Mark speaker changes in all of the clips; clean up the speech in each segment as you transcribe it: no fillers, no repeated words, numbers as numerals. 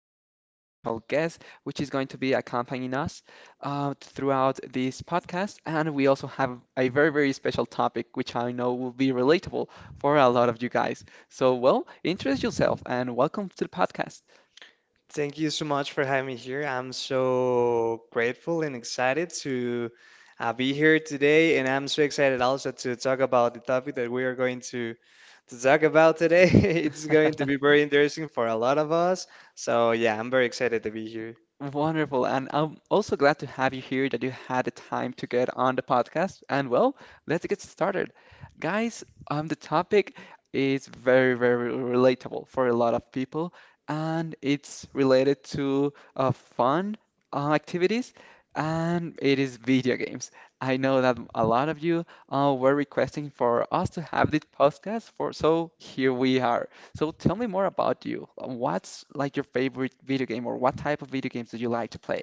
Speaker 1: a very, very special guest, which is going to be accompanying us throughout this podcast. And we also have a very, very special topic, which I know will be relatable for a lot of you guys. So, well, introduce yourself and welcome to the podcast.
Speaker 2: Thank you so much for having me here. I'm so grateful and excited to be here today, and I'm so excited also to talk about the topic that we are going to talk about today. It's going to be very interesting for a lot of us. So yeah, I'm very excited to be here.
Speaker 1: Wonderful. And I'm also glad to have you here that you had the time to get on the podcast. And well, let's get started. Guys, the topic is very, very relatable for a lot of people, and it's related to fun activities, and it is video games. I know that a lot of you were requesting for us to have this podcast for, so here we are. So tell me more about you. What's like your favorite video game or what type of video games do you like to play?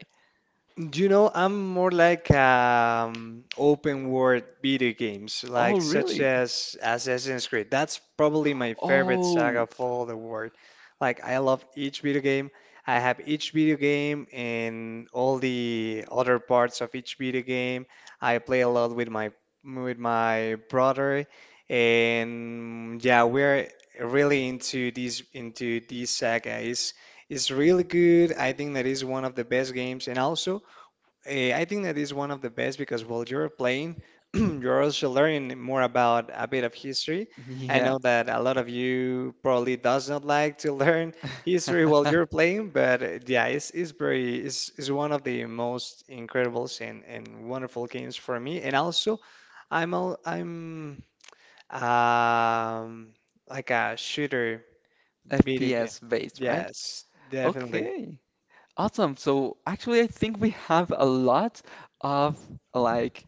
Speaker 2: Do you know, I'm more like open world video games,
Speaker 1: Oh,
Speaker 2: like such
Speaker 1: really?
Speaker 2: as Assassin's Creed. That's probably my favorite saga
Speaker 1: Oh,
Speaker 2: of all the world. Like I love each video game. I have each video game and all the other parts of each video game. I play a lot with my brother, and yeah, we're really into these into this saga. It's really good. I think that is one of the best games, and also. I think that is one of the best because while you're playing, you're also learning more about a bit of history. I
Speaker 1: yeah.
Speaker 2: know that a lot of you probably does not like to learn history while you're playing, but yeah, it's very it's one of the most incredible and wonderful games for me. And also, I'm um like a shooter video game.
Speaker 1: FPS based, right?
Speaker 2: Yes, definitely.
Speaker 1: Okay. Awesome. So actually, I think we have a lot of like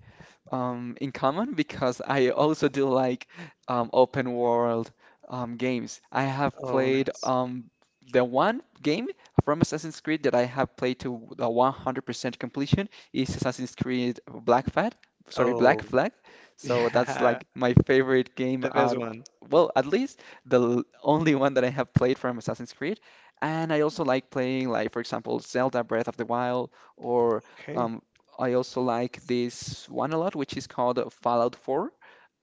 Speaker 1: in common because I also do like open world games. I have
Speaker 2: Oh,
Speaker 1: played
Speaker 2: nice.
Speaker 1: the one game from Assassin's Creed that I have played to the 100% completion is Assassin's Creed Black Flag. Sorry, Black
Speaker 2: Oh,
Speaker 1: Flag. So that's
Speaker 2: yeah,
Speaker 1: like my favorite game
Speaker 2: the best one.
Speaker 1: Well, at least the only one that I have played from Assassin's Creed. And I also like playing, like for example, Zelda Breath of the Wild or
Speaker 2: Okay.
Speaker 1: um, I also like this one a lot, which is called Fallout 4,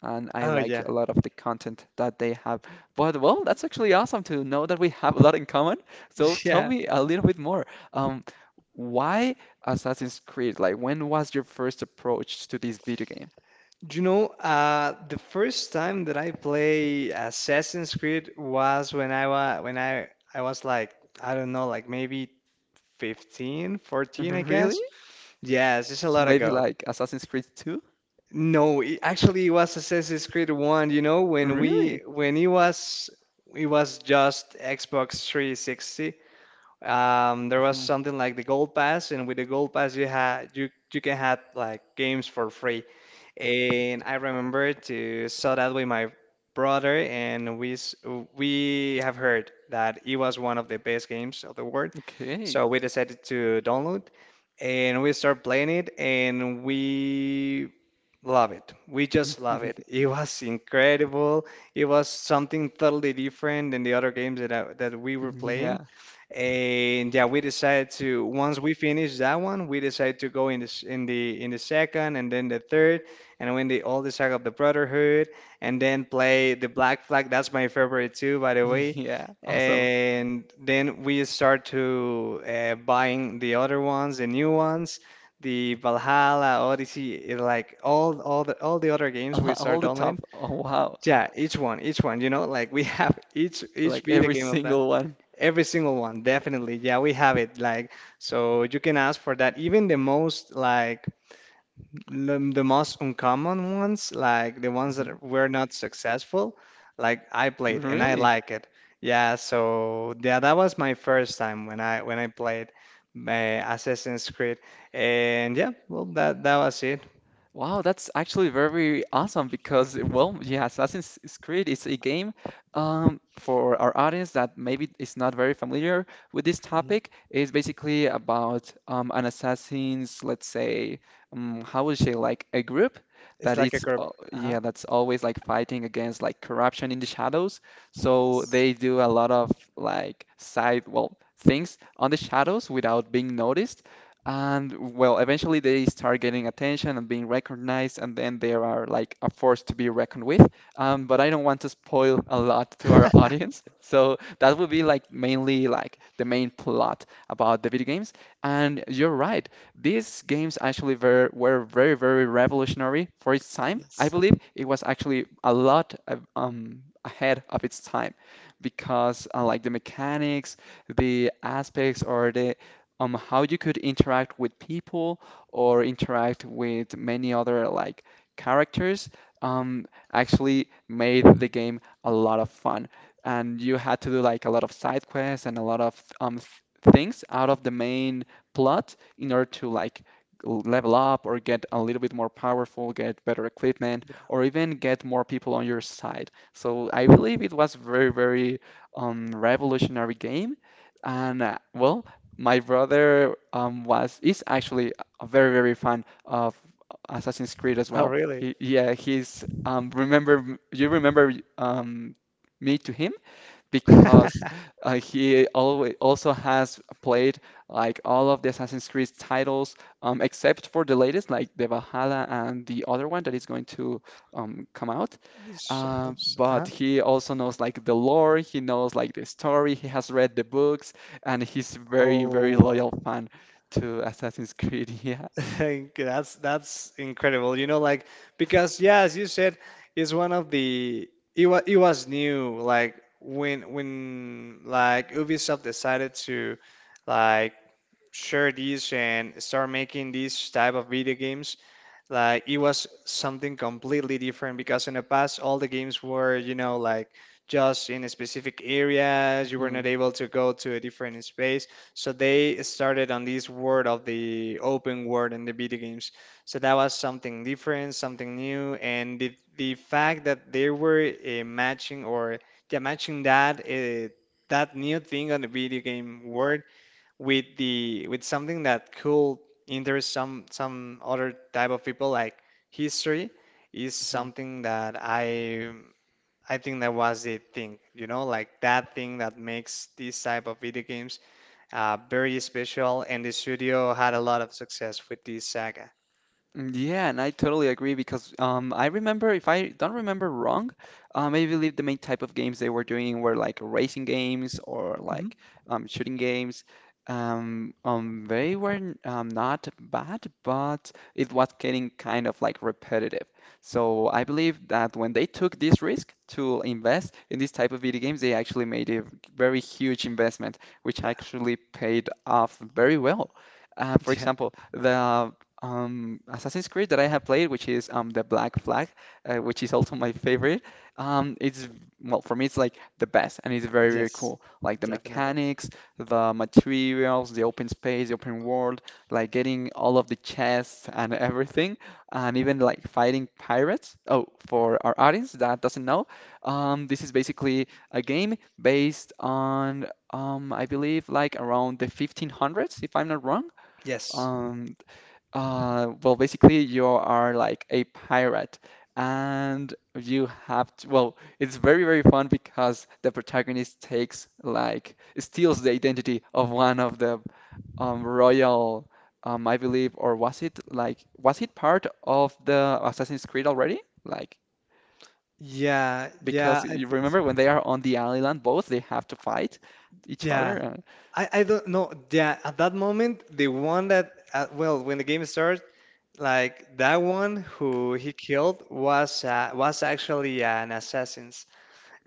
Speaker 1: and I
Speaker 2: Oh
Speaker 1: like
Speaker 2: yeah.
Speaker 1: a lot of the content that they have. But well, that's actually awesome to know that we have a lot in common. So tell
Speaker 2: Yeah.
Speaker 1: me a little bit more. Um, why Assassin's Creed? Like, when was your first approach to this video game?
Speaker 2: Do you know, the first time that I play Assassin's Creed was when I was like, I don't know, like maybe 15, 14, I
Speaker 1: Really?
Speaker 2: guess. Yes, it's a
Speaker 1: So
Speaker 2: lot
Speaker 1: maybe
Speaker 2: ago.
Speaker 1: like Assassin's Creed 2?
Speaker 2: No, it, actually it was Assassin's Creed 1, you know,
Speaker 1: Really?
Speaker 2: when it was just Xbox 360. There was
Speaker 1: Mhm.
Speaker 2: something like the Gold Pass, and with the Gold Pass, you can have like games for free. And I remember to saw that with my brother, and we have heard that it was one of the best games of the world.
Speaker 1: Okay.
Speaker 2: So we decided to download, and we start playing it, and we love it. We just love it. It was incredible. It was something totally different than the other games that we were playing.
Speaker 1: Yeah.
Speaker 2: And yeah, we decided to once we finished that one, we decided to go in this in the second and then the third and win the all the saga of the Brotherhood and then play the Black Flag. That's my favorite too, by the way.
Speaker 1: Yeah. Awesome.
Speaker 2: And then we start to buying the other ones, the new ones, the Valhalla, Odyssey, like all the other games
Speaker 1: All
Speaker 2: we
Speaker 1: all
Speaker 2: start
Speaker 1: the
Speaker 2: downloading.
Speaker 1: top. Oh, wow.
Speaker 2: Yeah, each one, you know, like we have each
Speaker 1: Like
Speaker 2: video
Speaker 1: every
Speaker 2: game of
Speaker 1: single one.
Speaker 2: every single one, definitely. Yeah, we have it. Like, so you can ask for that. Even the most, like, the most uncommon ones, like the ones
Speaker 1: Mhm.
Speaker 2: that were not successful, like I played and I
Speaker 1: Really?
Speaker 2: like it. Yeah, so yeah, that was my first time when I played Assassin's Creed, and yeah, well, that that was it.
Speaker 1: Wow, that's actually very awesome because, well, yeah, Assassin's Creed is a game for our audience that maybe is not very familiar with this
Speaker 2: Mhm.
Speaker 1: topic. It's basically about an assassin's, let's say, how would you say, like a group
Speaker 2: It's
Speaker 1: that
Speaker 2: like a
Speaker 1: is,
Speaker 2: group. Uh-huh.
Speaker 1: yeah, that's always like fighting against like corruption in the shadows. So
Speaker 2: Yes.
Speaker 1: they do a lot of like side, well, things on the shadows without being noticed. And well, eventually they start getting attention and being recognized, and then they are like a force to be reckoned with. But I don't want to spoil a lot to our audience, so that would be like mainly like the main plot about the video games. And you're right, these games actually were very very revolutionary for its time. I
Speaker 2: Yes.
Speaker 1: believe it was actually a lot ahead of its time because like the mechanics, the aspects or the on how you could interact with people or interact with many other like characters um, actually made the game a lot of fun. And you had to do like a lot of side quests and a lot of things out of the main plot in order to like level up or get a little bit more powerful, get better equipment,
Speaker 2: Yeah.
Speaker 1: or even get more people on your side. So I believe it was very, very revolutionary game. And well, my brother was is actually a very very fan of Assassin's Creed as
Speaker 2: Oh,
Speaker 1: well.
Speaker 2: really?
Speaker 1: He yeah he's remember you remember me to him? Because he always also has played like all of the Assassin's Creed titles, except for the latest, like the Valhalla and the other one that is going to come out.
Speaker 2: Shadows.
Speaker 1: But
Speaker 2: Uh-huh.
Speaker 1: he also knows like the lore, he knows like the story, he has read the books, and he's very, very
Speaker 2: Oh, wow.
Speaker 1: loyal fan to Assassin's Creed. Yeah.
Speaker 2: That's incredible. You know, like because yeah, as you said, it's one of the it was new. Like when like Ubisoft decided to like share this and start making these type of video games, like it was something completely different because in the past all the games were, you know, like just in a specific areas. You were not
Speaker 1: Mhm.
Speaker 2: able to go to a different space. So they started on this world of the open world in the video games. So that was something different, something new, and the fact that they were matching or yeah, matching that that new thing on the video game world with the with something that could interest some other type of people like history is
Speaker 1: Mhm.
Speaker 2: something that I think that was the thing, you know, like that thing that makes these type of video games very special, and the studio had a lot of success with this saga.
Speaker 1: Mm, yeah, and I totally agree because I remember, if I don't remember wrong, I believe the main type of games they were doing were like racing games or
Speaker 2: Mhm.
Speaker 1: like shooting games. They were not bad, but it was getting kind of like repetitive. So I believe that when they took this risk to invest in this type of video games, they actually made a very huge investment, which
Speaker 2: Yeah.
Speaker 1: actually paid off very well. For
Speaker 2: Yeah.
Speaker 1: example, the Assassin's Creed that I have played, which is the Black Flag, which is also my favorite. Well for me, it's like the best, and it's very very
Speaker 2: Yes,
Speaker 1: cool. Like the
Speaker 2: definitely.
Speaker 1: mechanics, the materials, the open space, the open world, like getting all of the chests and everything, and even like fighting pirates. Oh, for our audience that doesn't know, this is basically a game based on I believe like around the 1500s, if I'm not wrong.
Speaker 2: Yes.
Speaker 1: Um, well, basically, you are like a pirate, and you have to. Well, it's very, very fun because the protagonist takes like steals the identity of one of the royal, I believe, or was it part of the Assassin's Creed already? Like
Speaker 2: Yeah,
Speaker 1: because
Speaker 2: yeah, I
Speaker 1: you
Speaker 2: think so.
Speaker 1: remember when they are on the island, both they have to fight each
Speaker 2: Yeah,
Speaker 1: other.
Speaker 2: I don't know. Yeah, at that moment, the one that well, when the game starts, like that one who he killed was actually an assassin,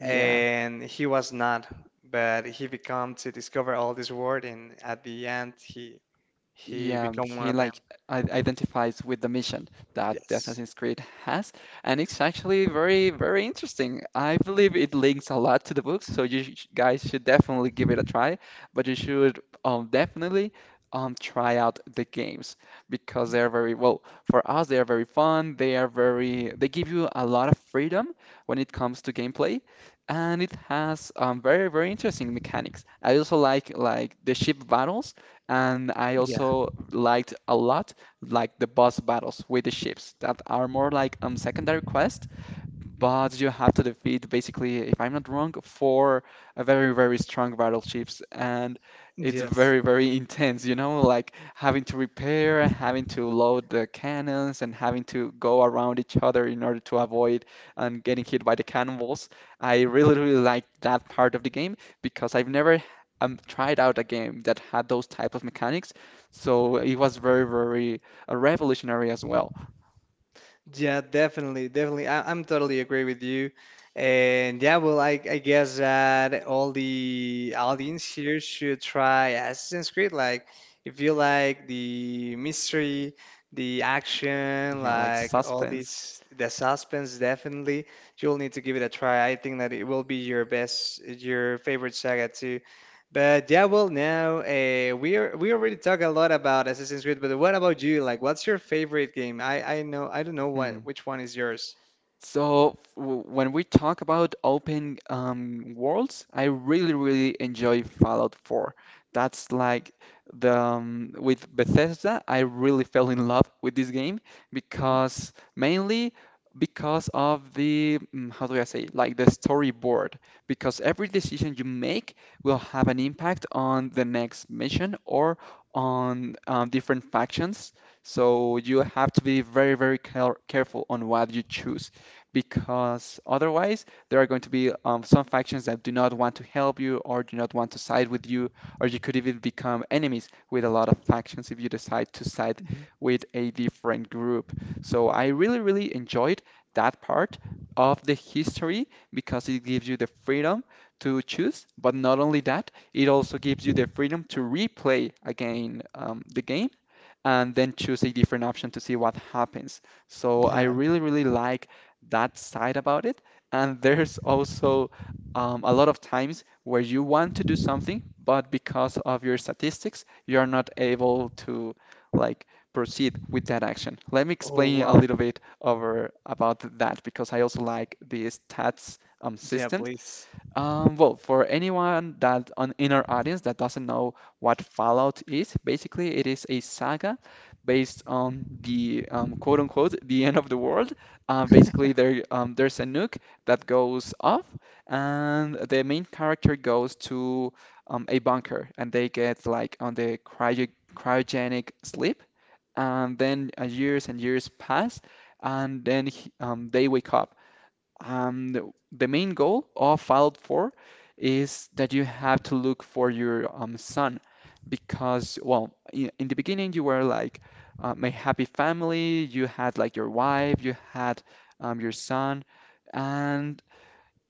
Speaker 1: Yeah.
Speaker 2: he was not, but he become to discover all this world, and at the end he
Speaker 1: Yeah,
Speaker 2: become one
Speaker 1: he
Speaker 2: of them.
Speaker 1: like identifies with the mission that the
Speaker 2: Yes.
Speaker 1: Assassin's Creed has, and it's actually very, very interesting. I believe it links a lot to the books, so you sh guys should definitely give it a try. But you should definitely try out the games because they are very well for us. They are very fun. They are very. They give you a lot of freedom when it comes to gameplay, and it has very, very interesting mechanics. I also like the ship battles, and I
Speaker 2: Yeah.
Speaker 1: also liked a lot like the boss battles with the ships that are more like secondary quests, but you have to defeat basically, if I'm not wrong, four very, very strong battleships, and it's
Speaker 2: Yes.
Speaker 1: very, very intense, you know, like having to repair, having to load the cannons, and having to go around each other in order to avoid and getting hit by the cannonballs. I really, really like that part of the game because I've never tried out a game that had those type of mechanics, so it was very, very revolutionary as well.
Speaker 2: Yeah, definitely, definitely. I'm totally agree with you. And yeah, well, I guess that all the audience here should try Assassin's Creed. Like, if you like the mystery, the action,
Speaker 1: Yeah, like
Speaker 2: like all
Speaker 1: suspense.
Speaker 2: these, the suspense, definitely, you'll need to give it a try. I think that it will be your best, your favorite saga too. But yeah, well, now we already talk a lot about Assassin's Creed, but what about you? Like, what's your favorite game? I know I don't know
Speaker 1: Hmm.
Speaker 2: what which one is yours.
Speaker 1: So when we talk about open worlds, I really, really enjoy Fallout 4. That's like the with Bethesda, I really fell in love with this game
Speaker 2: Mm,
Speaker 1: because mainly because of the mm, how do I say like the storyboard. Because every decision you make will have an impact on the next mission or on different factions. So you have to be very, very careful on what you choose because otherwise there are going to be some factions that do not want to help you or do not want to side with you, or you could even become enemies with a lot of factions if you decide to side
Speaker 2: mhm.
Speaker 1: with a different group. So I really, really enjoyed that part of the history because it gives you the freedom to choose, but not only that, it also gives you the freedom to replay again the game and then choose a different option to see what happens. So I
Speaker 2: Yeah.
Speaker 1: really, really like that side about it. And there's also a lot of times where you want to do something, but because of your statistics, you are not able to like proceed with that action. Let me
Speaker 2: Oh
Speaker 1: explain a
Speaker 2: wow.
Speaker 1: little bit over about that because I also like the stats
Speaker 2: Yeah,
Speaker 1: system.
Speaker 2: please.
Speaker 1: Well, for anyone that on in our audience that doesn't know what Fallout is, basically it is a saga based on the quote unquote the end of the world. Basically, there's a nuke that goes off, and the main character goes to a bunker, and they get like on the cryogenic sleep, and then years and years pass, and then they wake up. The main goal of Fallout 4 is that you have to look for your son because, well, in the beginning you were like my happy family, you had like your wife, you had your son, and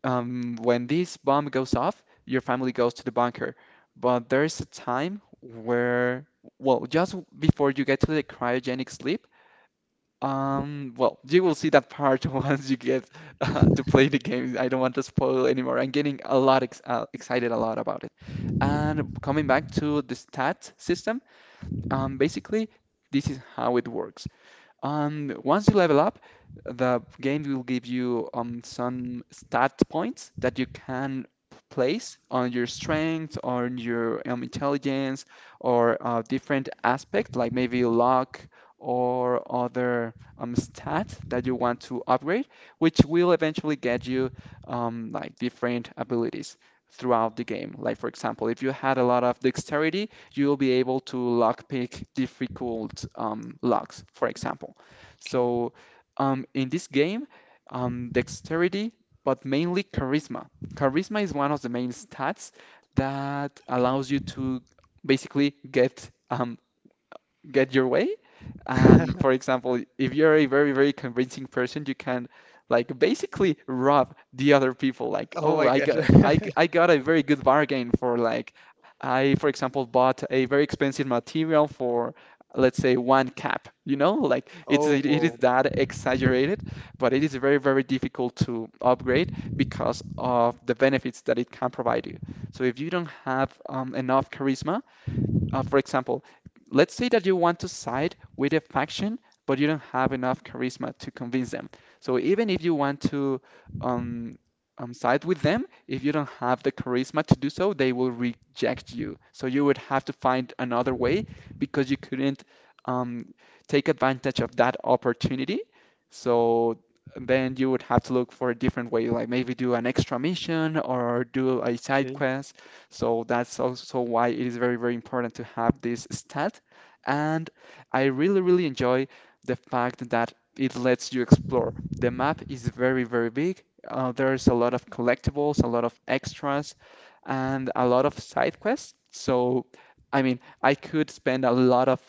Speaker 1: when this bomb goes off, your family goes to the bunker. But there's a time where, well, just before you get to the cryogenic sleep, well, you will see that part once you get to play the game. I don't want to spoil anymore. I'm getting a lot ex excited a lot about it. And coming back to the stat system, basically, this is how it works. And once you level up, the game will give you some stat points that you can place on your strength, on your intelligence, or different aspect like maybe luck or other stat that you want to upgrade, which will eventually get you like different abilities throughout the game. Like for example, if you had a lot of dexterity, you'll be able to lockpick difficult locks, for example.
Speaker 2: Okay.
Speaker 1: So, in this game, dexterity, but mainly charisma. Charisma is one of the main stats that
Speaker 2: Okay.
Speaker 1: allows you to basically get your way, and for example, if you're a very, very convincing person, you can like basically rob the other people. Like,
Speaker 2: Oh
Speaker 1: oh,
Speaker 2: my
Speaker 1: I
Speaker 2: gosh.
Speaker 1: got I, g- I got a very good bargain for like for example, bought a very expensive material for let's say one cap. You know, like it's
Speaker 2: Oh
Speaker 1: it
Speaker 2: wow.
Speaker 1: is that exaggerated, but it is very, very difficult to upgrade because of the benefits that it can provide you. So if you don't have enough charisma, for example, let's say that you want to side with a faction, but you don't have enough charisma to convince them. So even if you want to um, side with them, if you don't have the charisma to do so, they will reject you. So you would have to find another way because you couldn't um, take advantage of that opportunity. So then you would have to look for a different way, like maybe do an extra mission or do a side
Speaker 2: Okay.
Speaker 1: quest, so that's also why it is very, very important to have this stat. And I really, really enjoy the fact that it lets you explore. The map is very, very big. There's a lot of collectibles, a lot of extras, and a lot of side quests. So, I mean, I could spend a lot of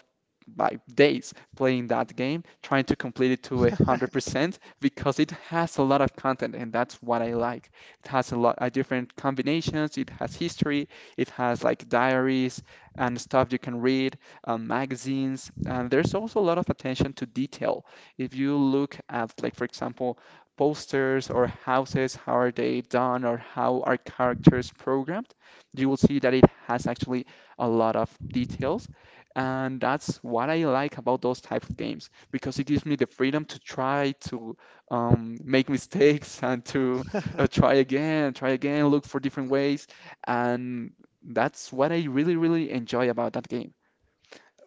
Speaker 1: my days playing that game, trying to complete it to a 100% because it has a lot of content, and that's what I like. It has a lot of different combinations. It has history. It has like diaries and stuff you can read, magazines. And there's also a lot of attention to detail. If you look at, like, for example, posters or houses, how are they done or how are characters programmed, you will see that it has actually a lot of details. And that's what I like about those types of games because it gives me the freedom to try to make mistakes and to try again, look for different ways. And that's what I really, really enjoy about that game.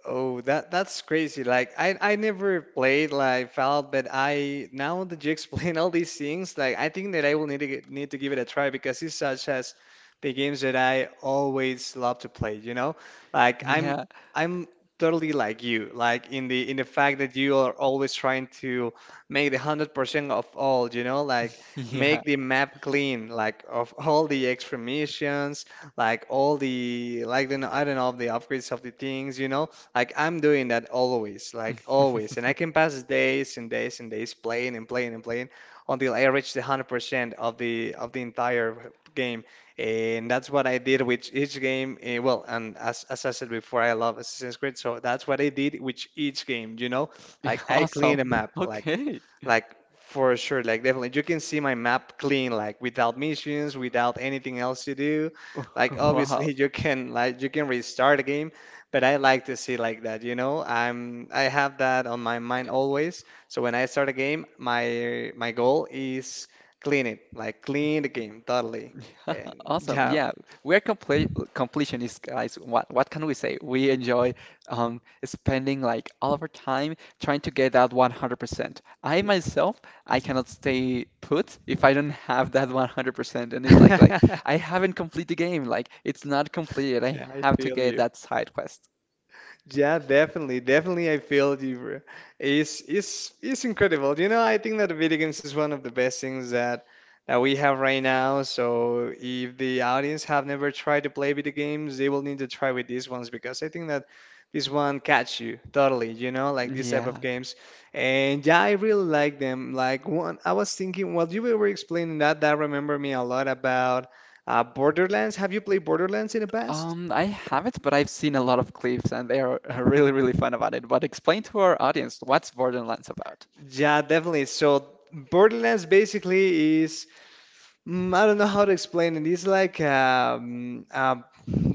Speaker 2: Oh, that that's crazy. Like I never played like Fallout, but I now that you explain all these things, like I think that I will need to give it a try because it's such as the games that I always love to play, you know? Like I'm
Speaker 1: Yeah.
Speaker 2: I'm totally like you, like in the fact that you are always trying to make the 100% of all, you know? Like
Speaker 1: Yeah.
Speaker 2: make the map clean, like of all the extra missions, like all the I don't know, the upgrades of the things, you know? Like I'm doing that always, like always, and I can pass days and days and days playing and playing and playing until I reach the 100% of the entire game. And that's what I did with each game. Well, and as I said before, I love Assassin's Creed, so that's what I did with each game, you know?
Speaker 1: Yeah,
Speaker 2: Like I clean
Speaker 1: awesome.
Speaker 2: the map,
Speaker 1: Okay.
Speaker 2: like for sure, like definitely you can see my map clean, like without missions, without anything else to do. Like
Speaker 1: Wow.
Speaker 2: obviously you can you can restart a game, but I like to see like that, you know? I have that on my mind always. So when I start a game, my goal is clean it, like clean the game totally. And
Speaker 1: Awesome.
Speaker 2: yeah,
Speaker 1: Yeah, we're complete completionists, guys. What can we say? We enjoy spending like all of our time trying to get that 100%. I
Speaker 2: yes.
Speaker 1: myself, I cannot stay put if I don't have that 100%. And it's like I haven't complete the game. Like it's not completed. I
Speaker 2: Yeah, I
Speaker 1: have to
Speaker 2: feel
Speaker 1: get
Speaker 2: you.
Speaker 1: that side quest.
Speaker 2: Yeah, definitely, definitely. I feel you, bro. It's it's incredible. You know, I think that video games is one of the best things that we have right now. So if the audience have never tried to play video games, they will need to try with these ones because I think that this one catch you totally. You know, like this type of
Speaker 1: Yeah.
Speaker 2: games, and yeah, I really like them. Like one, I was thinking while you were explaining that, that remember me a lot about Borderlands. Have you played Borderlands in the past?
Speaker 1: I haven't, but I've seen a lot of clips and they are really, really fun about it. But explain to our audience what's Borderlands about.
Speaker 2: Yeah, definitely. So Borderlands basically is I don't know how to explain it. It's like a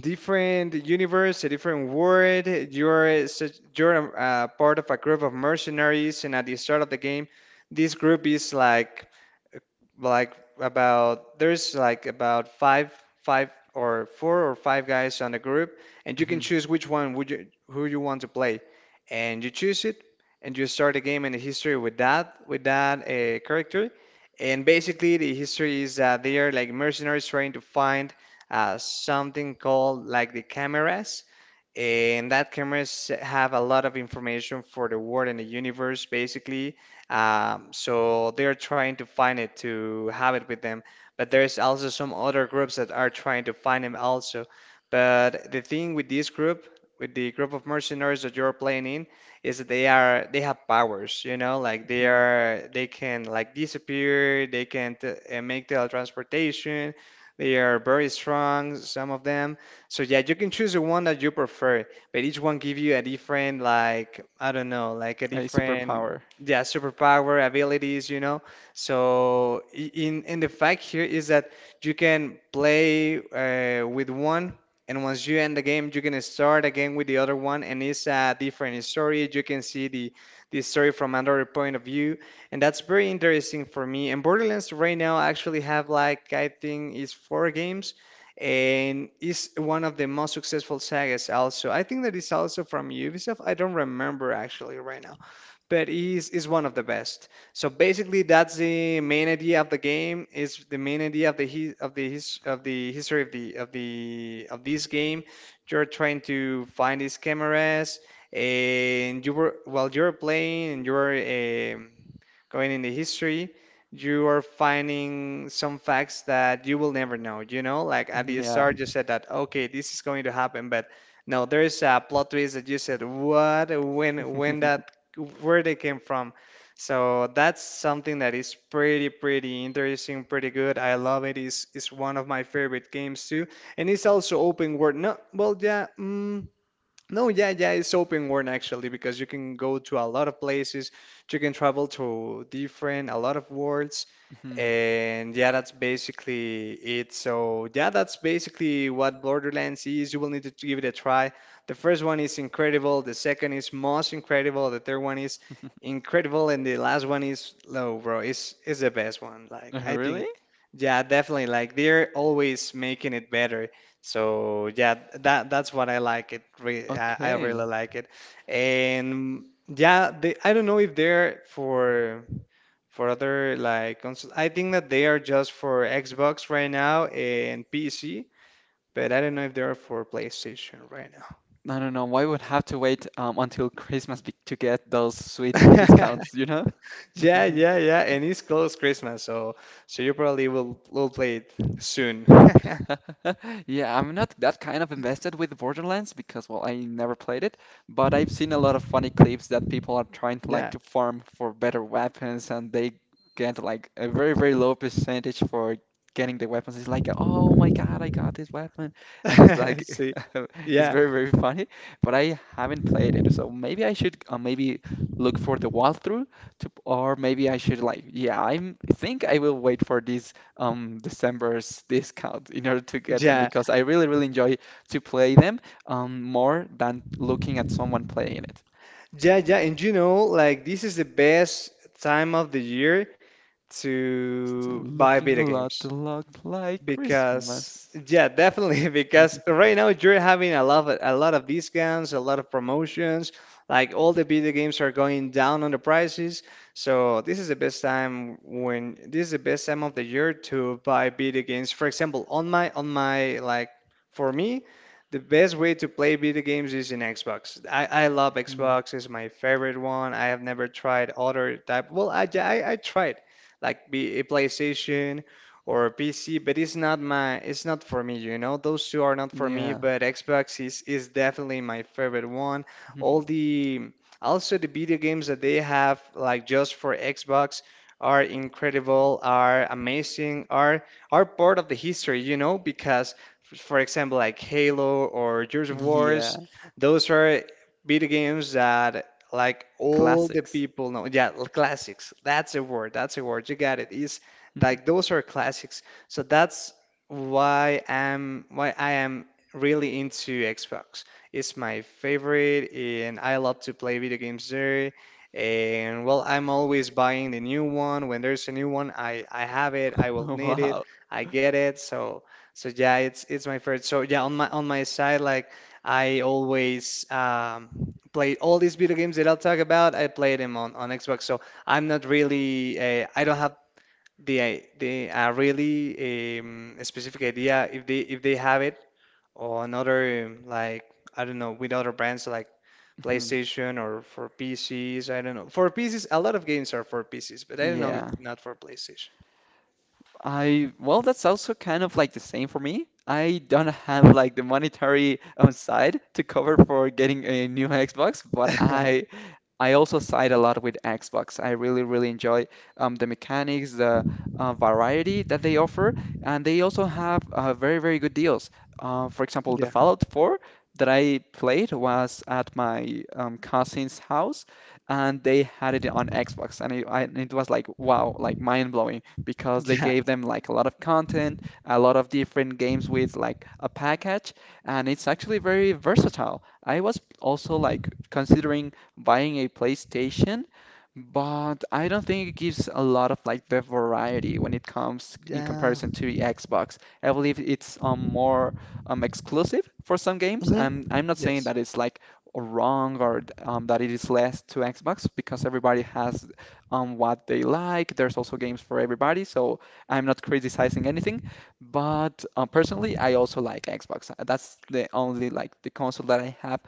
Speaker 2: different universe, a different world. You're a part of a group of mercenaries, and at the start of the game, this group is like about there's like about five five or four or five guys on the group, and you can choose which one would you who you want to play, and you choose it, and you start a game in the history with that character. And basically the history is that they are like mercenaries trying to find something called like the cameras, and that cameras have a lot of information for the world and the universe basically. So they're trying to find it to have it with them, but there's also some other groups that are trying to find him also. But the thing with this group, with the group of mercenaries that you're playing in, is that they have powers, you know, like
Speaker 1: Hmm.
Speaker 2: they can like disappear, they can t make teletransportation. They are very strong, some of them. So yeah, you can choose the one that you prefer, but each one give you a different, like I don't know, like a
Speaker 1: A
Speaker 2: different
Speaker 1: superpower.
Speaker 2: yeah, superpower abilities, you know. So in the fact here is that you can play with one, and once you end the game, you can start again with the other one, and it's a different story. You can see the story from another point of view, and that's very interesting for me. And Borderlands right now actually have like I think it's four games. And is one of the most successful sagas also. I think that is also from Ubisoft. I don't remember actually right but is one of the best. So basically, that's the main idea of the game. Is the main idea of the his, of the his, of the history of the of the of this game. You're trying to find these cameras, and you were while you're playing and you're going in the history. You are finding some facts that you will never know. You know, like at the
Speaker 1: Yeah.
Speaker 2: start, you said that okay, this is going to happen, but no, there is a plot twist that you said, what? When that where they came from. So that's something that is pretty interesting, pretty good. I love it. It's one of my favorite games too. And it's also open world. No, well, yeah. No, yeah, it's open world actually because you can go to a lot of places, you can travel to a lot of worlds,
Speaker 1: Mhm.
Speaker 2: and yeah, that's basically it. So, yeah, that's basically what Borderlands is. You will need to give it a try. The first one is incredible, the second is most incredible, the third one is incredible, and the last one is low, bro. It's the best one. Like, I think,
Speaker 1: Really?
Speaker 2: yeah, definitely. Like, they're always making it better. So yeah, that's what I like it. I really
Speaker 1: Okay.
Speaker 2: like it, and yeah, they, I don't know if they're for other like consoles. I think that they are just for Xbox right now and PC, but I don't know if they are for PlayStation right
Speaker 1: I don't know. Why would have to wait until Christmas to get those sweet
Speaker 2: now.
Speaker 1: discounts, you know?
Speaker 2: Yeah, yeah, yeah, and it's close Christmas, so so you probably will play it soon.
Speaker 1: Yeah, I'm not that kind of invested with Borderlands because, well, I never played it, but I've seen a lot of funny clips that people are trying to like
Speaker 2: Yeah,
Speaker 1: to farm for better weapons and they get like a very, very low percentage for getting the weapons. It's like, oh my God, I got this weapon. And it's like,
Speaker 2: see,
Speaker 1: it's
Speaker 2: yeah,
Speaker 1: very, very funny, but I haven't played it. So maybe I should maybe look for the walkthrough to, or maybe I should, like, yeah, I'm think I will wait for this December's discount in order to get them
Speaker 2: yeah.
Speaker 1: because I really, really enjoy to play them more than looking at someone playing it.
Speaker 2: Yeah, yeah, and you know, like this is the best time of the year
Speaker 1: Still
Speaker 2: to buy
Speaker 1: looking
Speaker 2: video games.
Speaker 1: a lot like
Speaker 2: Because
Speaker 1: Christmas.
Speaker 2: yeah, definitely because right now you're having a lot of discounts, a lot of promotions. Like all the video games are going down on the prices. So this is the best time when this is the best time of the year to buy video games. For example, on my like for me, the best way to play video games is in Xbox. I love
Speaker 1: Hmm.
Speaker 2: Xbox. It's my favorite one. I have never tried other type. Well, I tried like be a PlayStation or PC, but it's not my it's not for me, you know. Those two are not for me,
Speaker 1: Yeah.
Speaker 2: but Xbox is definitely my favorite one. All the also the video games that they have like just for Xbox are incredible, are amazing, are part of the history, you know, because for example like Halo or Gears of Wars,
Speaker 1: Yeah.
Speaker 2: those are video games that like all the
Speaker 1: Classics.
Speaker 2: people know. Yeah, classics. That's a word. That's a word. You got it. It's like those are classics. So that's why I am really into Xbox. It's my favorite, and I love to play video games there. And well, I'm always buying the new one. When there's a new one, I have it. I will need it.
Speaker 1: Wow.
Speaker 2: I get it. So so yeah, it's my favorite. So yeah, on my side, like I always play all these video games that I'll talk about. I play them on Xbox. So I'm not really I don't have the I- the a really specific idea if they have it or another like I don't know with other brands like
Speaker 1: Hmm.
Speaker 2: PlayStation or for PCs I don't know for PCs a lot of games are for PCs but I don't know if
Speaker 1: Yeah.
Speaker 2: not for PlayStation
Speaker 1: Well, that's also kind of like the same for me. I don't have like the monetary side to cover for getting a new Xbox, but I I also side a lot with Xbox. I really, really enjoy the mechanics, the variety that they offer, and they also have very, very good deals. For example, the
Speaker 2: yeah
Speaker 1: Fallout 4 that I played was at my cousin's house, and they had it on Xbox, and it was like wow, like mind blowing because they
Speaker 2: yeah
Speaker 1: gave them like a lot of content, a lot of different games with like a package, and it's actually very versatile. I was also like considering buying a PlayStation, but I don't think it gives a lot of like the variety when it comes in
Speaker 2: yeah
Speaker 1: comparison to the Xbox. I believe it's more exclusive for some games,
Speaker 2: hmm
Speaker 1: and I'm not saying
Speaker 2: yes
Speaker 1: that it's like wrong or that it is less to Xbox because everybody has what they like. There's also games for everybody, so I'm not criticizing anything. But personally, I also like Xbox. That's the only like the console that I have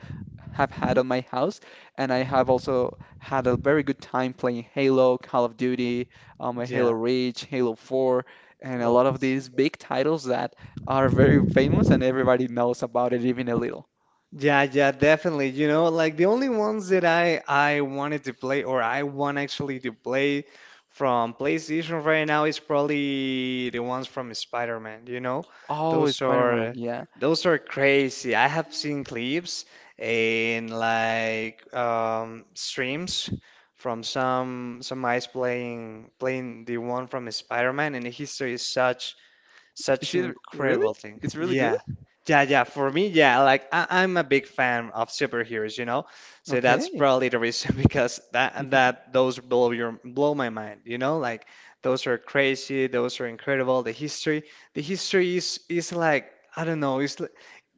Speaker 1: have had
Speaker 2: hmm
Speaker 1: on my house, and I have also had a very good time playing Halo, Call of Duty, Halo
Speaker 2: yeah
Speaker 1: Reach, Halo 4, and a
Speaker 2: oh
Speaker 1: lot of these
Speaker 2: I.
Speaker 1: big titles that are very famous and everybody knows about it even a little.
Speaker 2: Yeah, yeah, definitely. You know, like the only ones that I wanted to play or I want actually to play from PlayStation right now is probably the ones from Spider-Man, you know?
Speaker 1: Oh,
Speaker 2: Those
Speaker 1: Spider-Man,
Speaker 2: are
Speaker 1: yeah.
Speaker 2: those are crazy. I have seen clips and like streams from some guys playing the one from Spider-Man and the history is such
Speaker 1: Is
Speaker 2: such
Speaker 1: it really?
Speaker 2: incredible thing.
Speaker 1: It's really good?
Speaker 2: Yeah. Yeah, yeah. For me, yeah, like I, I'm a big fan of superheroes, you know? So that's
Speaker 1: Okay.
Speaker 2: probably the reason because that and that those blow your blow my mind, you know? Like those are crazy, those are incredible. The history is like I don't know, it's like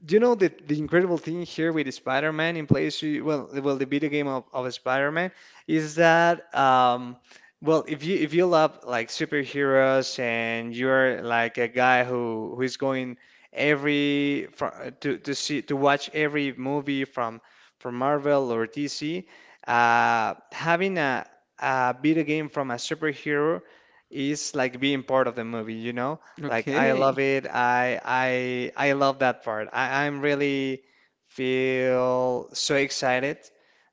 Speaker 2: do you know the incredible thing here with Spider-Man in place well the video game of Spider-Man is that well, if you love like superheroes and you're like a guy who is going to see to watch every movie from Marvel or DC, having a video game from a superhero is like being part of the movie, you know? Like I love
Speaker 1: Okay.
Speaker 2: it. I love that part. I'm really feel so excited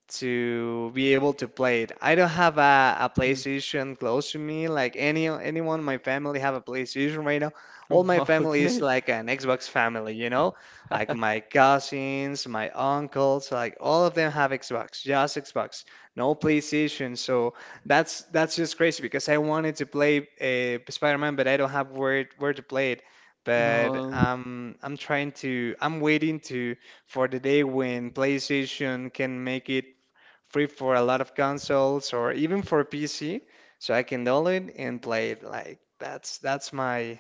Speaker 2: to be able to play it. I don't have a
Speaker 1: Hmm.
Speaker 2: PlayStation close to me. Like anyone in my family have a PlayStation right now. All my family is
Speaker 1: Okay.
Speaker 2: like an Xbox family, you know? Like my cousins, my uncles, like all of them have Xbox, just Xbox, no PlayStation. So that's just crazy because I wanted to play Spider-Man, but I don't have where to play it. But
Speaker 1: No,
Speaker 2: I'm waiting to for the day when PlayStation can make it free for a lot of consoles or even for PC. So I can download it and play it. Like that's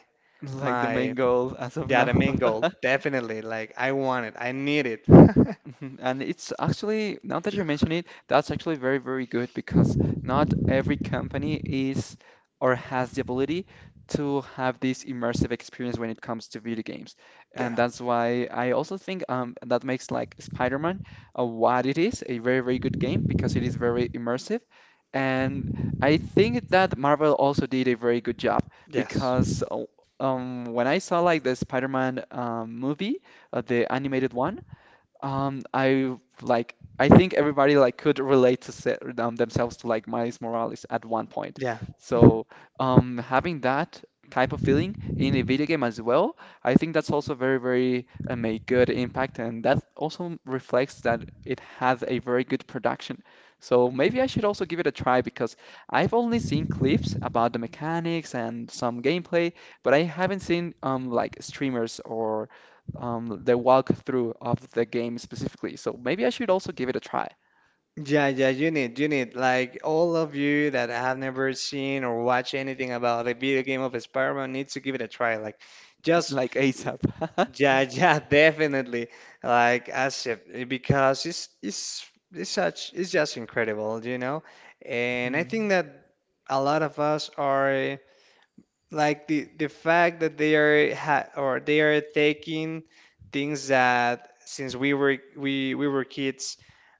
Speaker 1: like the main
Speaker 2: my
Speaker 1: goal as of
Speaker 2: yeah
Speaker 1: now.
Speaker 2: the main goal. Definitely. Like I want it. I need it.
Speaker 1: Mhm. And it's actually, now that you mention it, that's actually very, very good because not every company is or has the ability to have this immersive experience when it comes to video games.
Speaker 2: Yeah.
Speaker 1: And that's why I also think that makes like Spider-Man what it is, a very, very good game because it is very immersive. And I think that Marvel also did a very good job
Speaker 2: Yes.
Speaker 1: because when I saw like the Spider-Man movie, the animated one, I, like, I think everybody like could relate to se themselves to like Miles Morales at one point.
Speaker 2: Yeah. Mhm.
Speaker 1: So having that type of feeling in a video game as well, I think that's also very, very a good impact, and that also reflects that it has a very good production. So maybe I should also give it a try because I've only seen clips about the mechanics and some gameplay, but I haven't seen like streamers or the walkthrough of the game specifically. So maybe I should also give it a try,
Speaker 2: Yeah, yeah, you need, like all of you that have never seen or watched anything about a video game of Spider-Man needs to give it a try. Like, just
Speaker 1: like ASAP.
Speaker 2: yeah, yeah, definitely. Like Asif, because it's such it's just incredible, you know? And I
Speaker 1: Hmm.
Speaker 2: think that a lot of us are like the fact that they are ha or they are taking things that since we were we were kids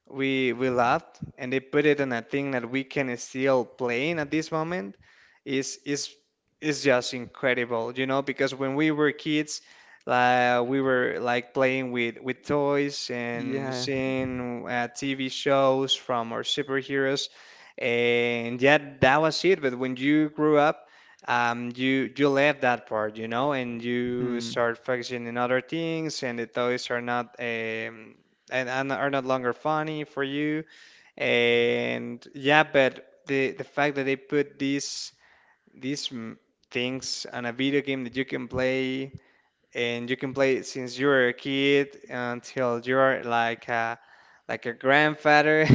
Speaker 2: we loved and they put it in a thing that we can still playing at this moment is is is just incredible, you know, because when we were kids, like we were like playing with toys and
Speaker 1: Yeah.
Speaker 2: seeing TV shows from our superheroes, and yeah, that was it. But when you grew up you left that part, you know, and you
Speaker 1: Hmm.
Speaker 2: start focusing on other things, and the toys are not and are not longer funny for you. And yeah, but the fact that they put these these mm, things on a video game that you can play and you can play it since you were a kid until you're like a grandfather.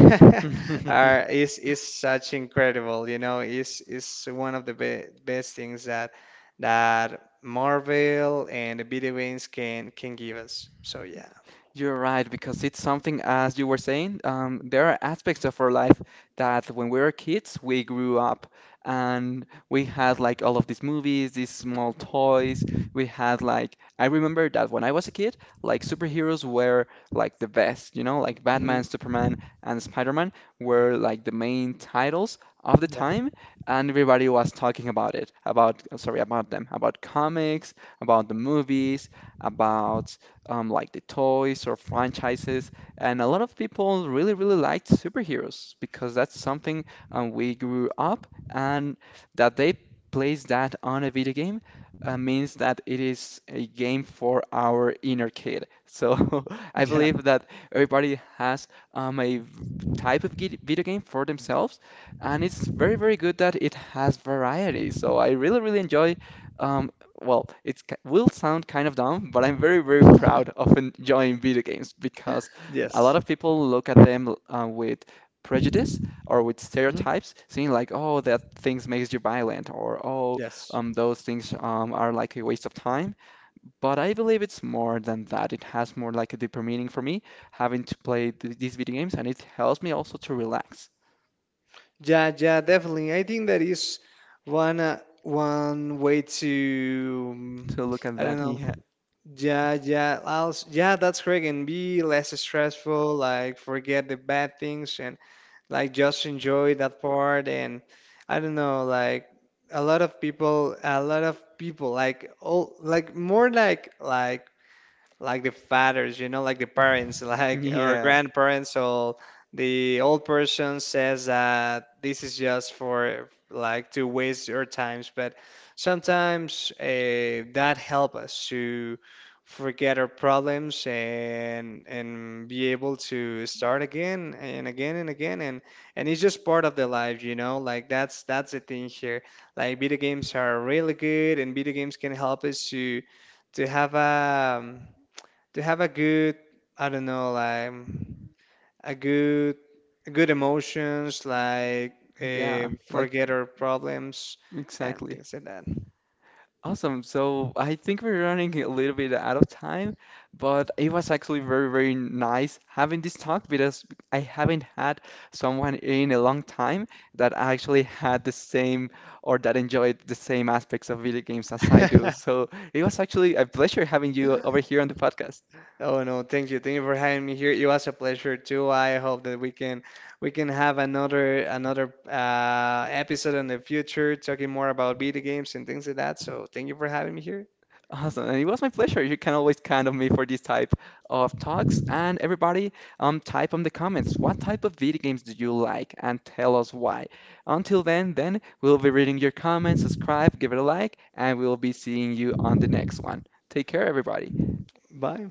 Speaker 2: Are is such incredible, you know? Is one of the be best things that that Marvel and the video games can give us. So yeah.
Speaker 1: You're right, because it's something, as you were saying, there are aspects of our life that when we were kids, we grew up and we had like all of these movies, these small toys. We had like, I remember that when I was a kid, like superheroes were like the best, you know, like
Speaker 2: Mhm.
Speaker 1: Batman, Superman, and Spider-Man were like the main titles of the
Speaker 2: Yeah,
Speaker 1: time, and everybody was talking about it, about, sorry, about them, about comics, about the movies, about like the toys or franchises. And a lot of people really, really liked superheroes because that's something we grew up, and that they place that on a video game means that it is a game for our inner kid. So I
Speaker 2: yeah,
Speaker 1: believe that everybody has a type of video game for themselves, and it's very, very good that it has variety. So I really, really enjoy, um, well, it will sound kind of dumb, but I'm very, very proud of enjoying video games because a
Speaker 2: yes.
Speaker 1: lot of people look at them with prejudice or with
Speaker 2: Mhm.
Speaker 1: stereotypes, seeing like, oh, that things makes you violent, or oh,
Speaker 2: Yes.
Speaker 1: those things are like a waste of time. But I believe it's more than that. It has more like a deeper meaning for me, having to play th these video games, and it helps me also to relax.
Speaker 2: Yeah, yeah, definitely. I think that is one one way to
Speaker 1: To look at
Speaker 2: I don't
Speaker 1: that,
Speaker 2: know.
Speaker 1: yeah.
Speaker 2: Yeah, yeah, also, yeah, that's correct. And be less stressful, like forget the bad things and like just enjoy that part. And I don't know, like a lot of people, like all, like more like the fathers, you know, like the parents, like our
Speaker 1: Yeah,
Speaker 2: grandparents or the old person says that this is just for like to waste your times, but sometimes that help us to forget our problems and be able to start again and again and again and it's just part of the life, you know, like that's the thing here. Like video games are really good and video games can help us to to have a to have a good I don't know like a good good emotions like
Speaker 1: yeah, like,
Speaker 2: forget our problems and
Speaker 1: exactly.
Speaker 2: things like that.
Speaker 1: Awesome. So I think we're running a little bit out of time, but it was actually very, very nice having this talk because I haven't had someone in a long time that actually had the same or that enjoyed the same aspects of video games as I do. So it was actually a pleasure having you over here on the podcast.
Speaker 2: Oh no, thank you. Thank you for having me here. It was a pleasure too. I hope that we can have another episode in the future talking more about video games and things like that. So thank you for having me here.
Speaker 1: Awesome. And it was my pleasure. You can always count on me for this type of talks. And everybody, type on the comments what type of video games do you like and tell us why. Until then, we'll be reading your comments, subscribe, give it a like, and we'll be seeing you on the next one. Take care, everybody.
Speaker 2: Bye.